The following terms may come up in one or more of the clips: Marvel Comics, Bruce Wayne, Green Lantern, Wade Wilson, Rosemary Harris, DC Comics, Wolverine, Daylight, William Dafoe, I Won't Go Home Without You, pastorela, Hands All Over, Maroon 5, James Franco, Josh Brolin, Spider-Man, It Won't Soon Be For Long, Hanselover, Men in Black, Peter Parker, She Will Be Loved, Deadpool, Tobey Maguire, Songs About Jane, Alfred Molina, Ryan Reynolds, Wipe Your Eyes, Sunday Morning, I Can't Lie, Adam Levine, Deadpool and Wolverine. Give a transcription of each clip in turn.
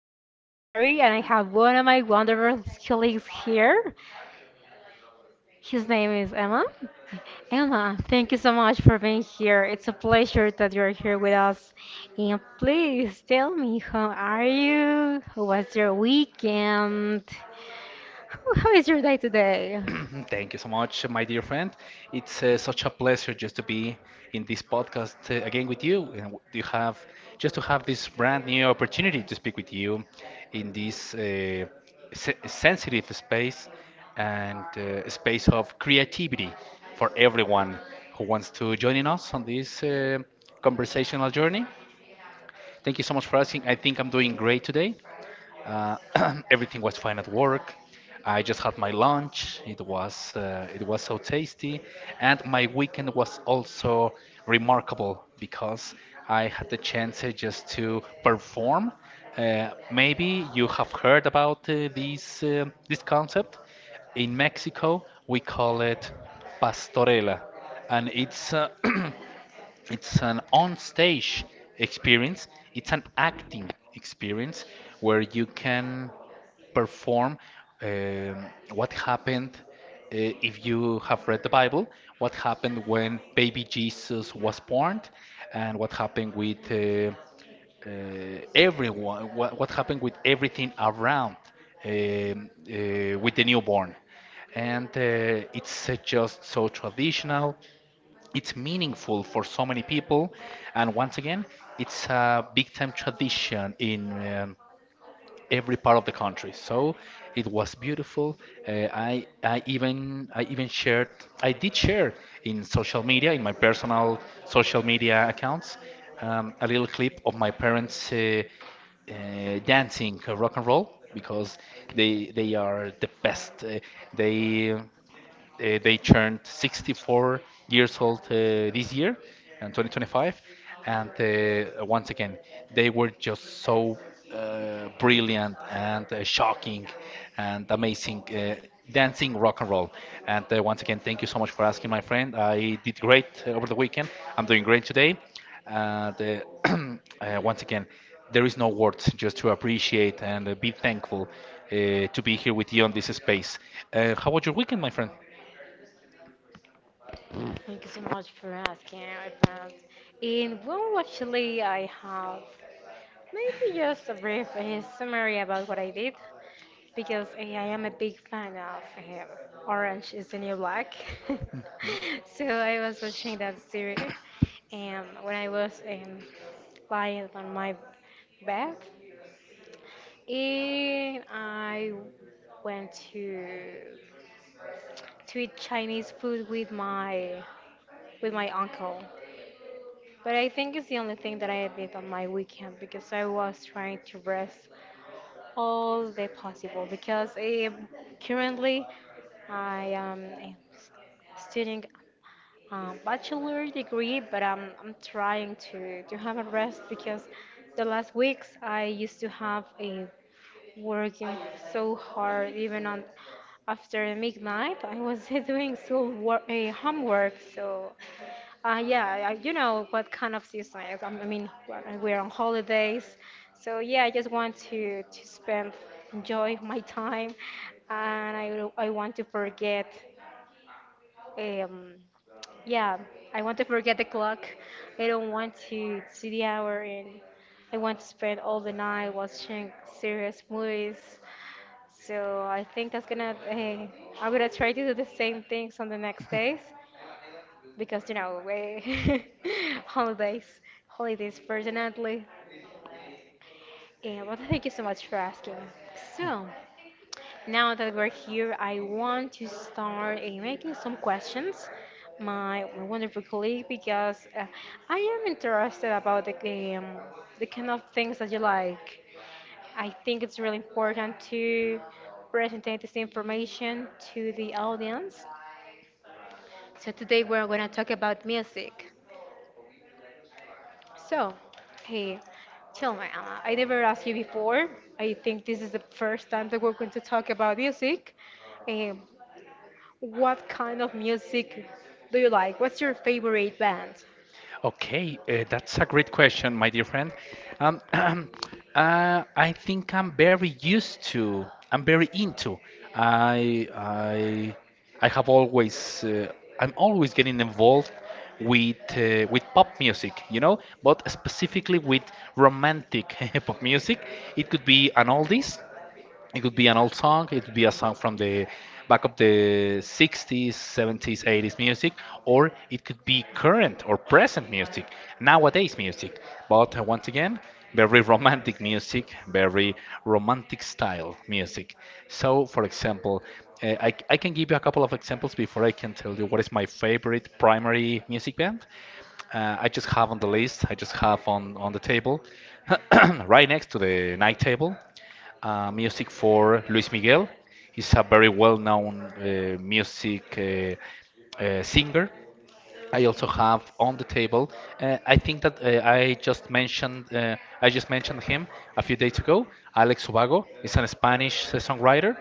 name is Mary, and I have one of my wonderful colleagues here. His name is Emma. Emma, thank you so much for being here. It's a pleasure that you're here with us. And please tell me, how are you? How was your weekend? How is your day today? Thank you so much, my dear friend. It's such a pleasure just to be in this podcast again with you. And w- you have just to have this brand new opportunity to speak with you in this sensitive space and space of creativity for everyone who wants to join in us on this conversational journey. Thank you so much for asking. I think I'm doing great today. Uh, Everything was fine at work. I just had my lunch. It was so tasty, and my weekend was also remarkable because I had the chance just to perform. Maybe you have heard about this concept. In Mexico, we call it pastorela, and it's it's an on-stage experience. It's an acting experience where you can perform um, what happened, if you have read the Bible, what happened when baby Jesus was born, and what happened with uh, everyone, what happened with everything around um, uh, with the newborn. And it's just so traditional. It's meaningful for so many people, and once again, it's a big time tradition in every part of the country. So it was beautiful. I even shared I did share in social media, in my personal social media accounts, a little clip of my parents uh, dancing rock and roll because they are the best. They they turned 64 years old this year, in 2025, and once again, they were just so brilliant and shocking and amazing. Dancing rock and roll. And once again, thank you so much for asking, my friend. I did great over the weekend. I'm doing great today. And once again, there is no words just to appreciate and be thankful to be here with you on this space. How was your weekend, my friend? Thank you so much for asking, my friend. And well, actually, I have maybe just a brief summary about what I did. Because I am a big fan of him. Orange is the New Black. Mm. So I was watching that series when I was lying on my bed. And I went to eat Chinese food with my uncle. But I think it's the only thing that I did on my weekend because I was trying to rest all the possible because currently I am studying a bachelor degree, but I'm trying to have a rest because the last weeks I used to have a working so hard even on after midnight I was doing school work, homework so yeah, you know what kind of season it is. I mean, we're on holidays, so yeah, I just want to spend, enjoy my time, and I want to forget, um, yeah, I want to forget the clock. I don't want to see the hour, and I want to spend all the night watching serious movies. So I think that's gonna, hey, I'm gonna try to do the same things on the next days because you know we holidays, holidays personally. And but thank you so much for asking. So now that we're here, I want to start making some questions. My wonderful colleague, because I am interested about the kind of things that you like. I think it's really important to present this information to the audience. So today we're going to talk about music. So, hey, tell me, Emma, I never asked you before. I think this is the first time that we're going to talk about music. Um, what kind of music do you like? What's your favorite band? Okay, that's a great question, my dear friend. Um, I think I'm very used to. I'm very into. I I I have always. I'm always getting involved with pop music, you know, but specifically with romantic pop music. It could be an oldies. It could be an old song, it could be a song from the back of the 60s, 70s, 80s music, or it could be current or present music, nowadays music. But once again, very romantic music, very romantic style music. So, for example, I can give you a couple of examples before I can tell you what is my favorite primary music band. I just have on the table, right next to the night table, music for Luis Miguel. He's a very well-known music singer. I also have on the table. I think that I just mentioned him a few days ago. Alex Ubago is an Spanish songwriter.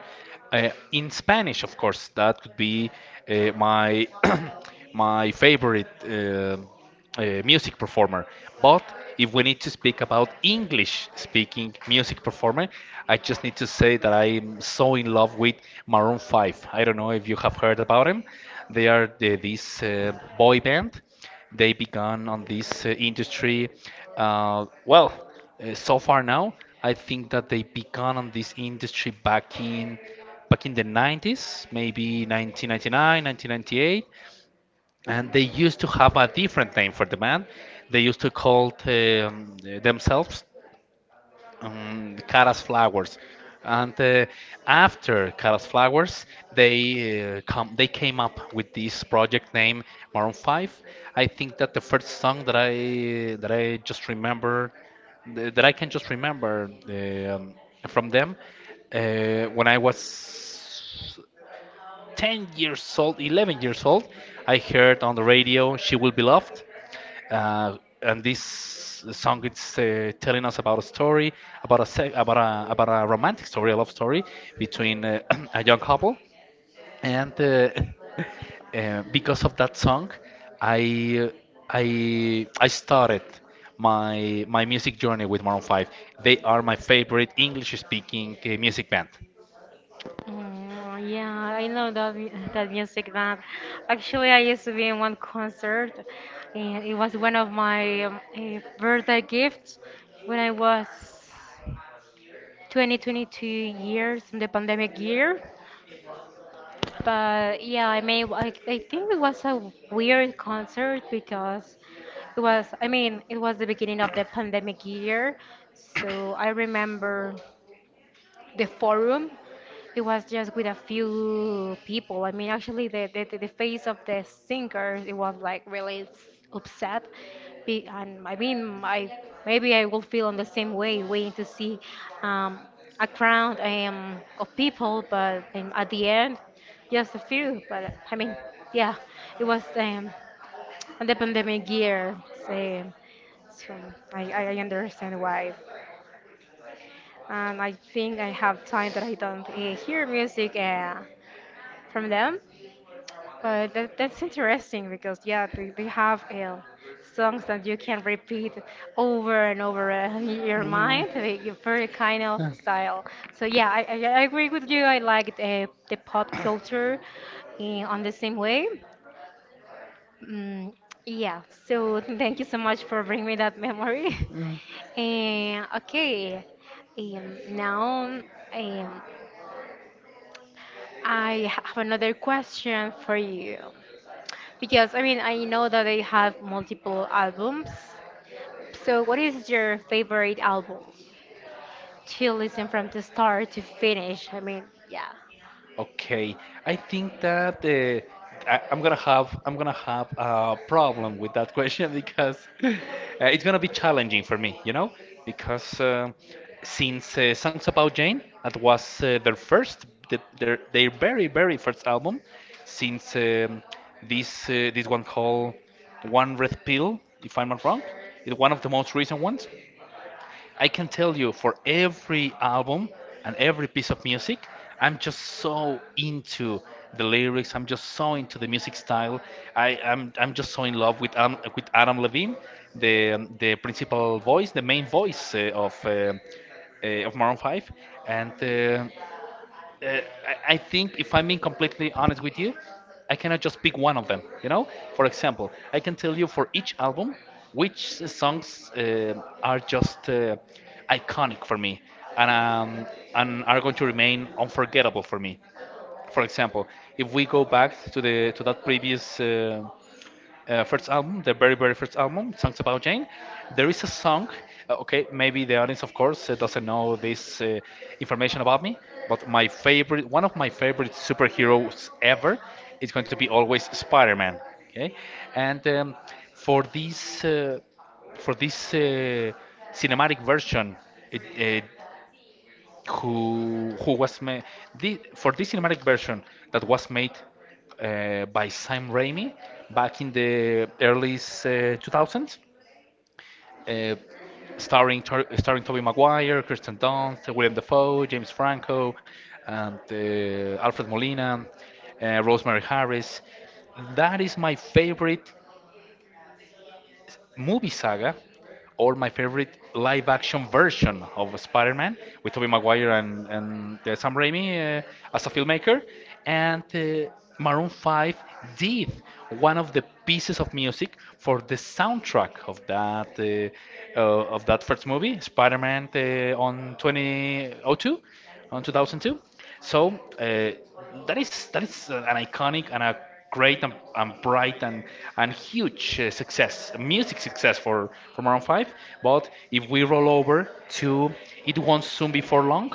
In Spanish, of course, that could be my my favorite music performer. But if we need to speak about English speaking music performer, I just need to say that I'm so in love with Maroon 5. I don't know if you have heard about them. This boy band. They began on this industry. Uh, well, so far now, I think that they began on this industry back in the 90s, maybe 1999, 1998, and they used to have a different name for the band. They used to call it, themselves, Caras Flowers. And after Caras Flowers, they come they came up with this project name, Maroon 5. I think that the first song that I just remember th- that I can just remember um, from them, when I was 10 years old, 11 years old, I heard on the radio She Will Be Loved. And this song it's telling us about a story, about a, about a romantic story, a love story between a young couple. And because of that song, I, uh, I started my music journey with Maroon 5. They are my favorite English speaking music band. Mm, yeah, I know that music band. Actually, I used to be in one concert, and it was one of my birthday gifts when I was 20, 22 years in the pandemic year. But yeah, I mean, I think it was a weird concert because it was, I mean, it was the beginning of the pandemic year. So I remember the forum it was just with a few people, I mean actually the face of the singers it was like really upset. And I mean, I maybe I will feel in the same way waiting to see um, a crowd of people but at the end just a few but I mean yeah, it was on the pandemic year so, so I understand why. And I think I have time that I don't hear music from them. But that's interesting because yeah, they have songs that you can repeat over and over in your 嗯 mind. They give very kind of 嗯 style. So yeah, I agree with you. I like the pop culture on the same way. Mm, yeah. So thank you so much for bringing me that memory. 嗯嗯 Okay. Now, um, I have another question for you. Because I mean, I know that they have multiple albums. So, what is your favorite album to listen from the start to finish? I mean, yeah. Okay, I think that I'm gonna have a problem with that question because it's gonna be challenging for me, you know, because since Songs About Jane, that was their very very first album, since this one called One Red Pill, if I'm not wrong, is one of the most recent ones. I can tell you, for every album and every piece of music, I'm just so into the lyrics. I'm just so into the music style. I'm just so in love with Adam Levine, the the main voice of Maroon Five, and uh, I think, if I'm being completely honest with you, I cannot just pick one of them. You know, for example, I can tell you for each album which songs uh, are just iconic for me and um, and are going to remain unforgettable for me. For example, if we go back to the to that previous first album, their very very first album, Songs About Jane. There is a song. Okay, maybe the audience, of course, doesn't know this information about me, but my favorite, one of my favorite superheroes ever, is going to be always Spider-Man. Okay, and for this cinematic version, it, who was made for this cinematic version that was made by Sam Raimi back in the early 2000s, uh, starring Tobey Maguire, Kirsten Dunst, William Dafoe, James Franco, and Alfred Molina, Rosemary Harris. That is my favorite movie saga, or my favorite live action version of Spider Man with Tobey Maguire and Sam Raimi as a filmmaker. And Maroon 5 did one of the pieces of music for the soundtrack of that first movie, Spider Man, on 2002, on 2002. So that is an iconic and a great and bright and huge success, music success for Maroon 5. But if we roll over to It Won't Soon Be For Long,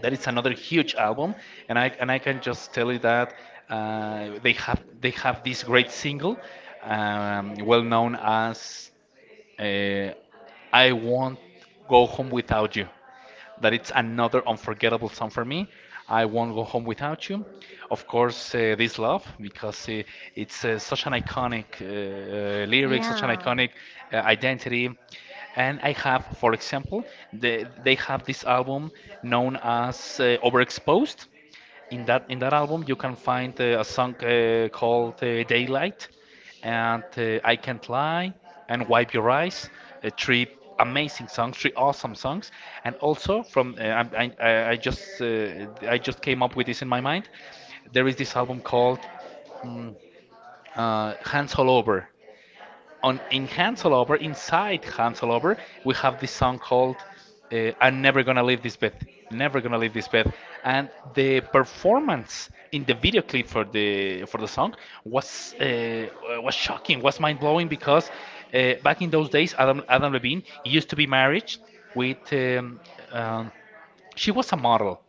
that is another huge album, and I can just tell you that they have this great single, well known as uh, I Won't Go Home Without You. That it's another unforgettable song for me. I won't go home without you. Of course, this love, because it's such an iconic lyric, such an iconic identity. And I have, for example, they have this album known as Overexposed. In that in that album you can find a song called, Daylight, and I Can't Lie, and Wipe Your Eyes, three amazing songs, three awesome songs. And also from I just came up with this in my mind. There is this album called Hands All Over. On in Hanselover, inside Hanselover, we have this song called "I'm Never Gonna Leave This Bed." Never gonna leave this bed, and the performance in the video clip for the song was uh, was shocking, was mind blowing, because back in those days, Adam Levine used to be married with um, she was a model.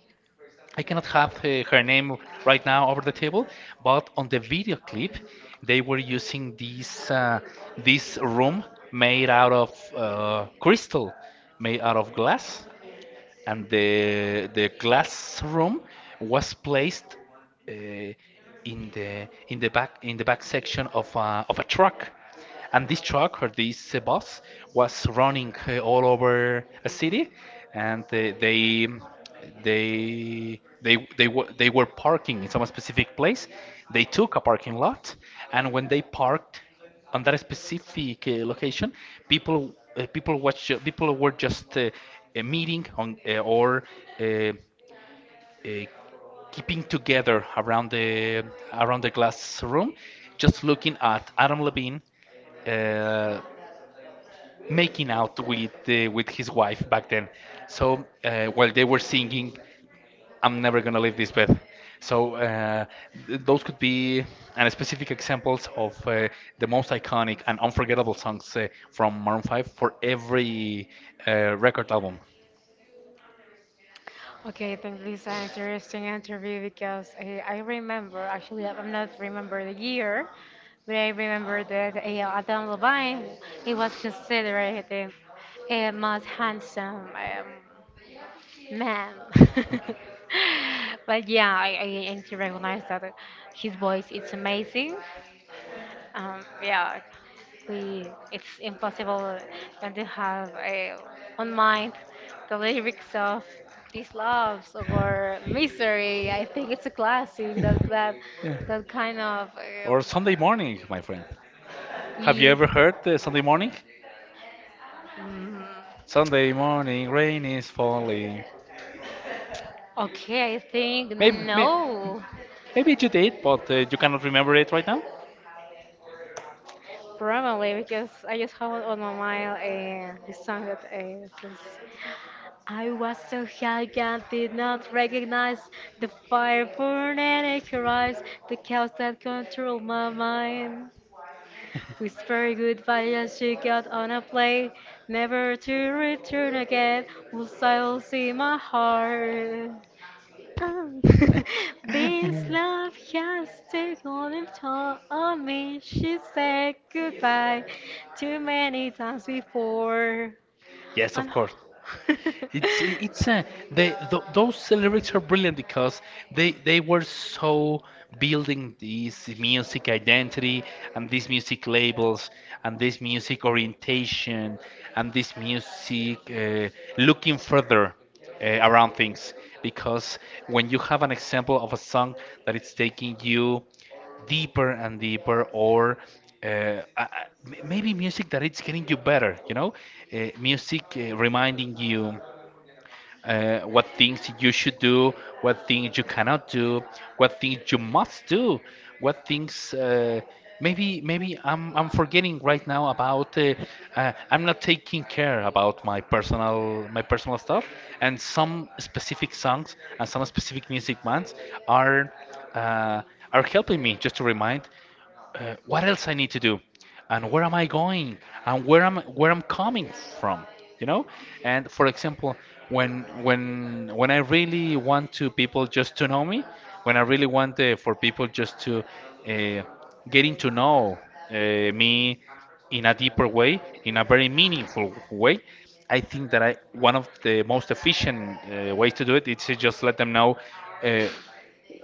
I cannot have her name right now over the table, but on the video clip, they were using this this room made out of crystal, made out of glass, and the classroom was placed in the back, in the back section of a truck, and this truck or this bus was running all over a city, and they were parking in some specific place. They took a parking lot, and when they parked on that specific location, people were just meeting on, or uh, uh, keeping together around the glass room, just looking at Adam Levine uh, making out with his wife back then. So while they were singing, I'm never gonna leave this bed. So those could be and specific examples of the most iconic and unforgettable songs from Maroon 5 for every record album. Okay, I think this is an interesting interview because I remember, actually, I'm not remember the year, but I remember that Adam Levine, he was considered the most handsome man. But yeah, I and he recognized that his voice is amazing. Yeah, we it's impossible not to have a on mind the lyrics of these loves or misery. I think it's a classic that that kind of. Or Sunday Morning, my friend. Um, Have you ye- ever heard Sunday Morning? Sunday morning, rain is falling. okay, I think Maybe, may, no, maybe you did, but you cannot remember it right now. probably because I just have on my mind this song that it is. I was so high I did not recognize the fire burning in her eyes, the chaos that controlled my mind. Whisper goodbye as she got on a plane, never to return again. Will silence in my heart. Oh, this love has taken its toll on me. She said goodbye too many times before. Yes, of I'm- course. It's a they th those lyrics are brilliant because they were so building this music identity and these music labels and this music orientation and this music looking further around things, because when you have an example of a song that it's taking you deeper and deeper or uh, uh, uh, maybe music that it's getting you better, you know, music reminding you what things you should do, what things you cannot do, what things you must do, what things maybe I'm forgetting right now about I'm not taking care about my personal stuff, and some specific songs and some specific music bands are uh, are helping me just to remind what else I need to do, and where am I going, and where am where I'm coming from, you know. And for example, when when I really want to people just to know me, when I really want for people just to uh, getting to know me in a deeper way, in a very meaningful way. I think that one of the most efficient ways to do it is to just let them know uh,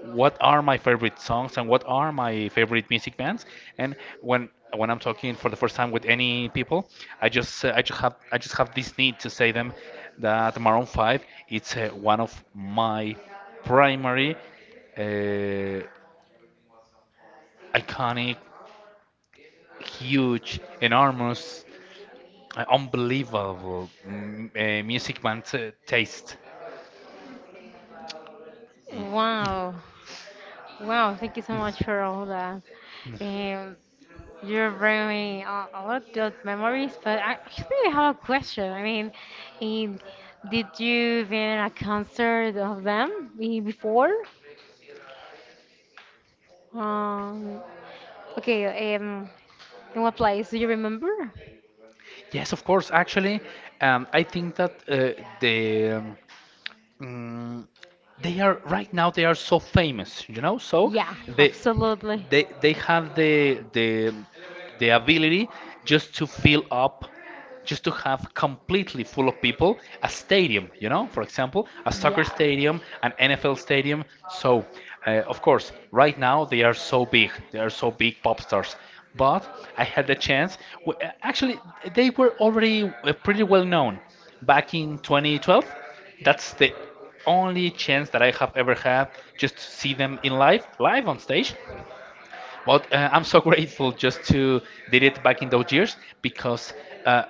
what are my favorite songs and what are my favorite music bands. And when I'm talking for the first time with any people, I just I just have this need to say them that Maroon 5 it's one of my primary, uh, iconic, huge, enormous, unbelievable music band taste. Wow. Wow, thank you so much for all that. Um, you're bringing a lot of memories, but I actually I have a question. I mean, um, did you been a concert of them before? Um, okay, in what place? Do you remember? Yes, of course. Actually, I think that the um, Mm, they are, right now they are so famous, you know, so Yeah, they, absolutely. they have the ability just to fill up, just to have completely full of people a stadium, you know, for example a soccer stadium, an NFL Yeah. stadium. So of course right now they are so big, they are so big pop stars, but I had the chance actually they were already pretty well known back in 2012. That's the only chance that I have ever had just to see them in live on stage. But I'm so grateful just to did it back in those years, because uh,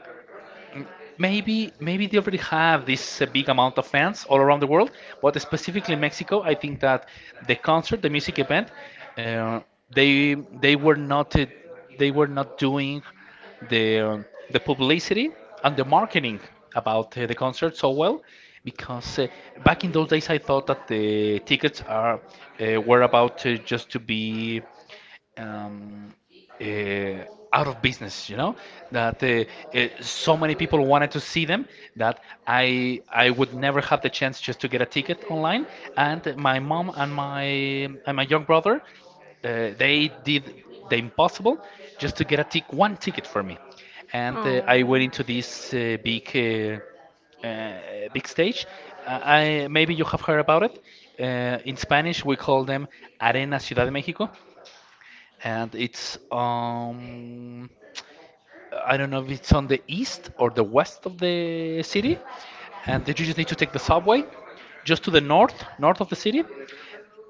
maybe they already have this big amount of fans all around the world, but specifically Mexico. I think that the concert, the music event, uh, they they were not uh, they were not doing the uh, the publicity and the marketing about the concert so well, because back in those days I thought that the tickets are, were about just to be um, uh, out of business. You know that so many people wanted to see them that I would never have the chance just to get a ticket online. And my mom and my young brother, they did the impossible just to get a tic one ticket for me. And I went into this big stage. I maybe you have heard about it. In Spanish, we call them Arena Ciudad de México, and it's I don't know if it's on the east or the west of the city, and then you just need to take the subway just to the north, of the city,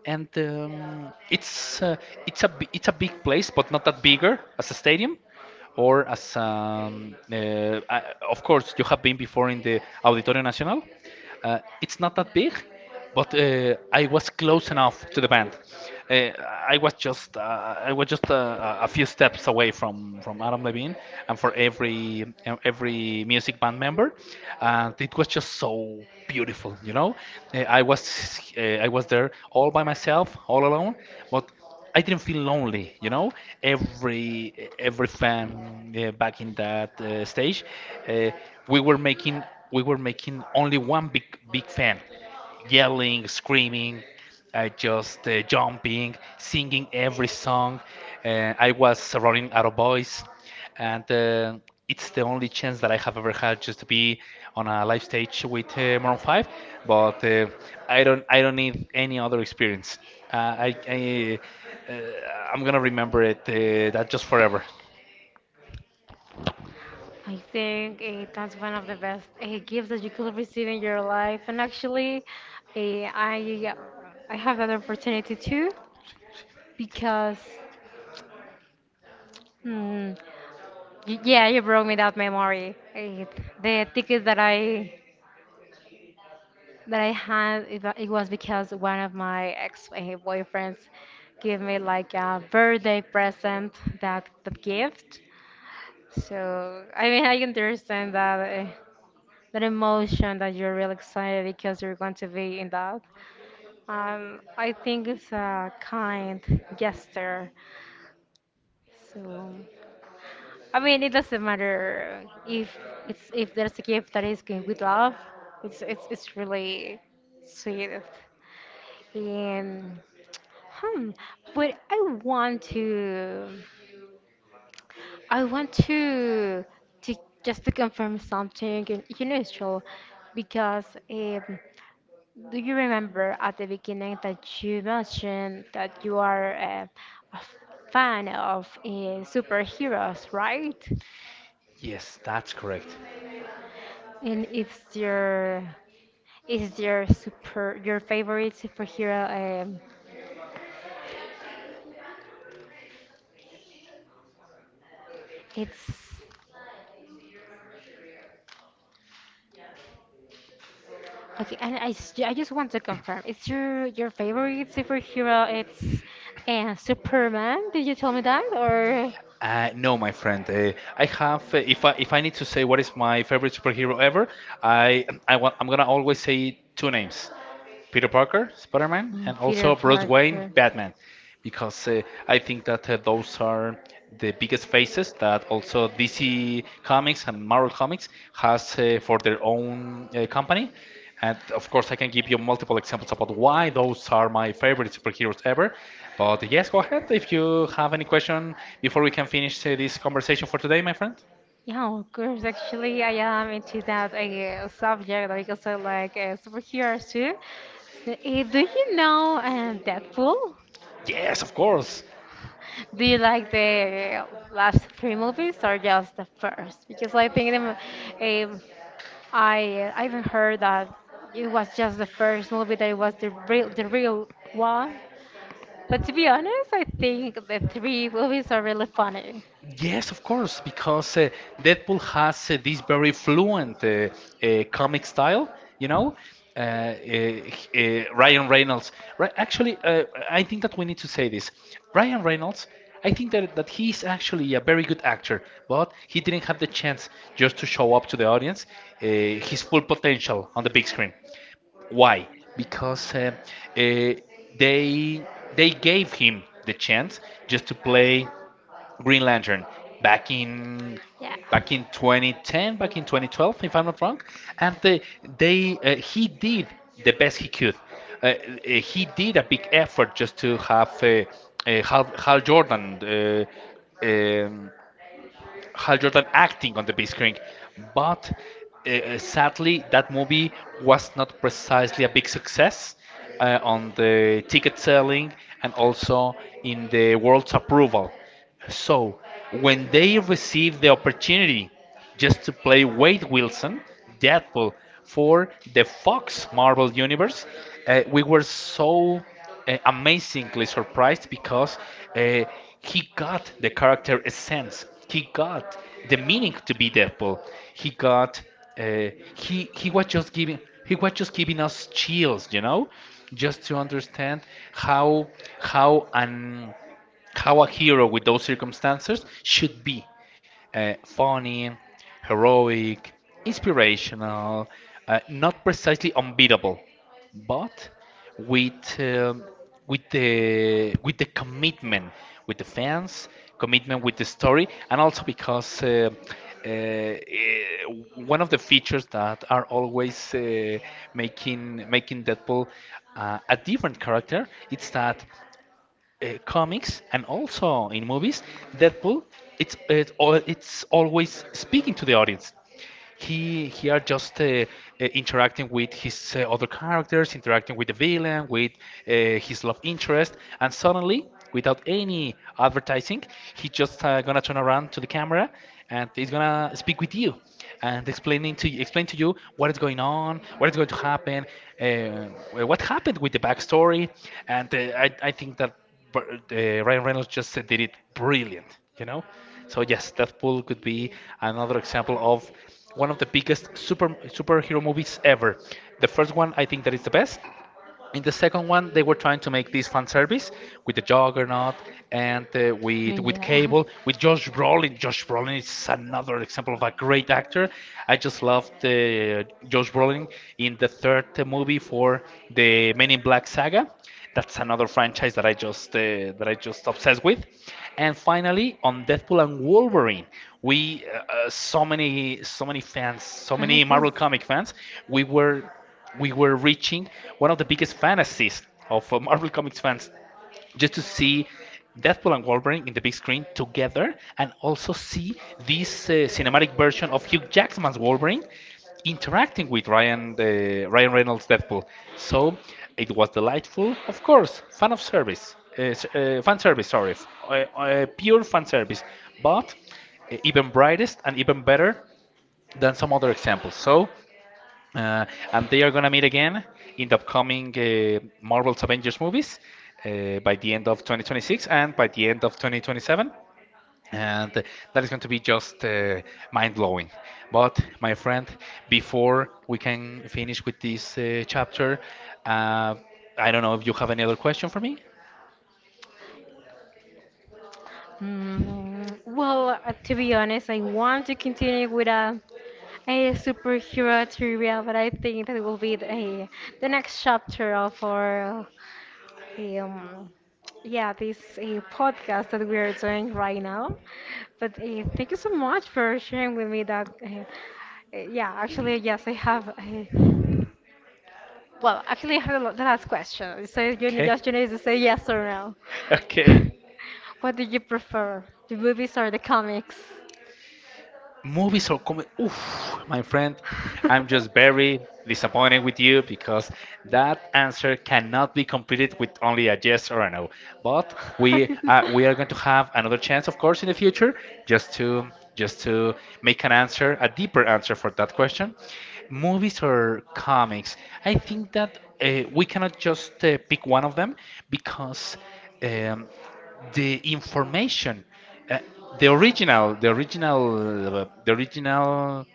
and it's it's a big place, but not that bigger as a stadium or as of course you have been before in the Auditorio Nacional. It's not that big, but I was close enough to the band. Uh, I was just uh, I was just a few steps away from Adam Levine and for every music band member, and it was just so beautiful. I was I was there all by myself, all alone, but I didn't feel lonely. Every every fan back in that stage, uh, we were making we were making only one big fan, yelling, screaming, just jumping, singing every song. I was surrounding other boys, and it's the only chance that I have ever had just to be on a live stage with Maroon 5. But I don't need any other experience. Uh, I, I uh, I'm gonna remember it that just forever. I think that's one of the best gifts that you could receive in your life. And actually, uh, I I have that opportunity too because. Hmm. Yeah, you brought me that memory. The ticket that I had, it was because one of my ex-boyfriends gave me like a birthday present that gift. So I mean, I understand that that emotion, that you're really excited because you're going to be in that. I think it's a kind gesture. So. I mean, it doesn't matter if there's a gift that is given with love. It's really sweet. And hmm, but I want to, I want to just to confirm something, and you know, it's true. Because um, do you remember at the beginning that you mentioned that you are a fan of superheroes, right? Yes, that's correct. And it's your is your super your favorite superhero? It's okay. And I just want to confirm. It's your favorite superhero? It's Superman. Did you tell me that or? No, my friend. I have. If I need to say what is my favorite superhero ever, I'm gonna always say two names. Peter Parker, Spider Man, Mm, and Peter also Bruce Wayne, Parker. Batman, because I think that those are the biggest faces that also DC Comics and Marvel Comics has for their own company. And of course, I can give you multiple examples about why those are my favorite superheroes ever. But yes, go ahead if you have any question before we can finish this conversation for today, my friend. Yeah, of course. Actually, I am into that subject because I like superheroes too. So, do you know Deadpool? Yes, of course. Do you like the last three movies or just the first? Because I think them, I even heard that it was just the first movie, that it was the real one. But to be honest, I think the three movies are really funny. Yes, of course, because Deadpool has this very fluent comic style, you know. Uh, Ryan Reynolds. Actually, I think that we need to say this. Ryan Reynolds, I think that he's actually a very good actor, but he didn't have the chance just to show up to the audience his full potential on the big screen. Why? Because uh, they they gave him the chance just to play Green Lantern, back in back in 2010, back in 2012, if I'm not wrong, and they he did the best he could. Uh, uh, he did a big effort just to have Hal Jordan. Uh, um, Hal Jordan acting on the big screen. But Sadly, that movie was not precisely a big success on the ticket selling and also in the world's approval. So, when they received the opportunity just to play Wade Wilson, Deadpool, for the Fox Marvel Universe, we were so amazingly surprised, because uh, he got the character essence. He got the meaning to be Deadpool. He got uh, he he was just giving he was just giving us chills, you know, just to understand how how an how a hero with those circumstances should be funny, heroic, inspirational, not precisely unbeatable, but with with the commitment with the fans, commitment with the story, and also because. Uh, eh, one of the features that are always making Deadpool a different character, it's that comics, and also in movies, Deadpool it's, it's always speaking to the audience. He are just interacting with his other characters, interacting with the villain, with uh, his love interest, and suddenly, without any advertising, he just gonna turn around to the camera, and he's gonna speak with you and explain to you what is going on, what is going to happen, what happened with the backstory, and I think that, but Ryan Reynolds just did it brilliant, you know? So yes, Deathpool could be another example of one of the biggest superhero movies ever. The first one, I think, that is the best. In the second one, they were trying to make this fan service with the Juggernaut and with Cable, with Josh Brolin. Josh Brolin is another example of a great actor. I just loved Josh Brolin in the third movie for the Men in Black saga. That's another franchise that I just obsessed with. And finally, on Deadpool and Wolverine, we so many fans, so many Marvel comic fans, we were reaching one of the biggest fantasies of Marvel Comics fans, just to see Deadpool and Wolverine in the big screen together, and also see this cinematic version of Hugh Jackman's Wolverine interacting with Ryan Reynolds Deadpool. So it was delightful, of course, fan service, sorry, pure fan service, but even brightest and even better than some other examples. So uh, and they are going to meet again in the upcoming Marvel's Avengers movies by the end of 2026 and by the end of 2027. And that is going to be just mind blowing. But, my friend, before we can finish with this chapter, uh, I don't know if you have any other question for me. Mm, well, to be honest, I want to continue with a superhero trivia, but I think that will be the next chapter of our um, yeah, this podcast that we are doing right now. But thank you so much for sharing with me that. Yeah, actually, yes, I have. Well, actually, I have the last question. So Okay. just you need to say yes or no. Okay. What do you prefer, the movies or the comics? Movies or comedy. Oof, my friend, I'm just very disappointed with you, because that answer cannot be completed with only a yes or a no. But we are going to have another chance, of course, in the future, just to just to make an answer, a deeper answer for that question. Movies or comics? I think that we cannot just pick one of them, because. Um, the information, uh, the original the original uh, the original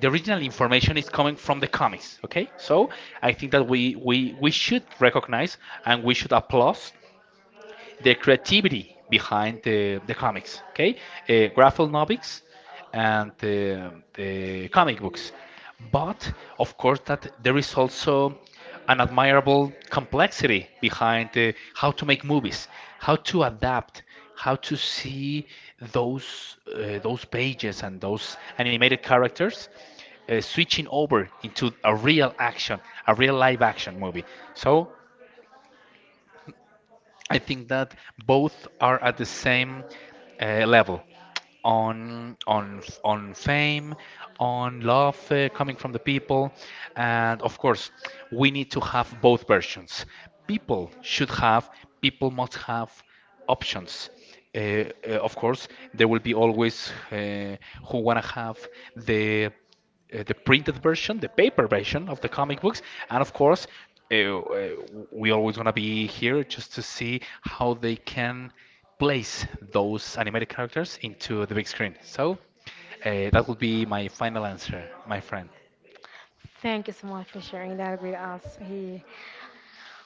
the original information is coming from the comics, okay? So I think that we should recognize and we should applaud the creativity behind the comics, okay? Graphic novels and the comic books. But of course, that there is also an admirable complexity behind how to make movies, how to adapt, how to see those pages and those animated characters switching over into a real action, a real live action movie. So I think that both are at the same level, on fame, on love coming from the people, and of course, we need to have both versions. People should have, people must have options. Of course, there will be always who wanna have the the printed version, the paper version of the comic books, and of course, uh, uh, we always want to be here just to see how they can place those animated characters into the big screen. So that would be my final answer, my friend. Thank you so much for sharing that with us.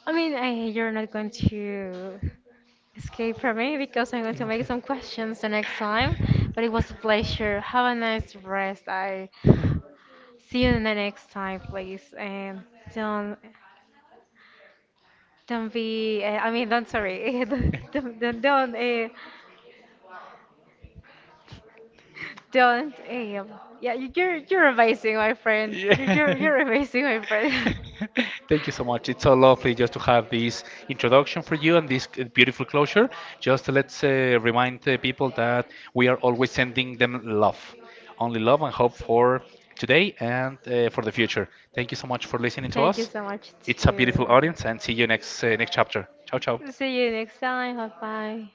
I mean, you're not going to escape from me because I'm going to make some questions the next time. But it was a pleasure. Have a nice rest. I see you in the next time, please. And don't don't be. I mean, don't, sorry. don't don't don't uh, don't. Yeah, you're amazing, my friend. You're you're, Yeah. you're amazing, my friend. Thank you so much. It's so lovely just to have this introduction for you and this beautiful closure. Just let's remind the people that we are always sending them love, only love and hope for today and for the future. Thank you so much for listening to Thank you us. so much It's a beautiful too. audience, and see you next next chapter. Ciao, ciao. See you next time. Bye bye.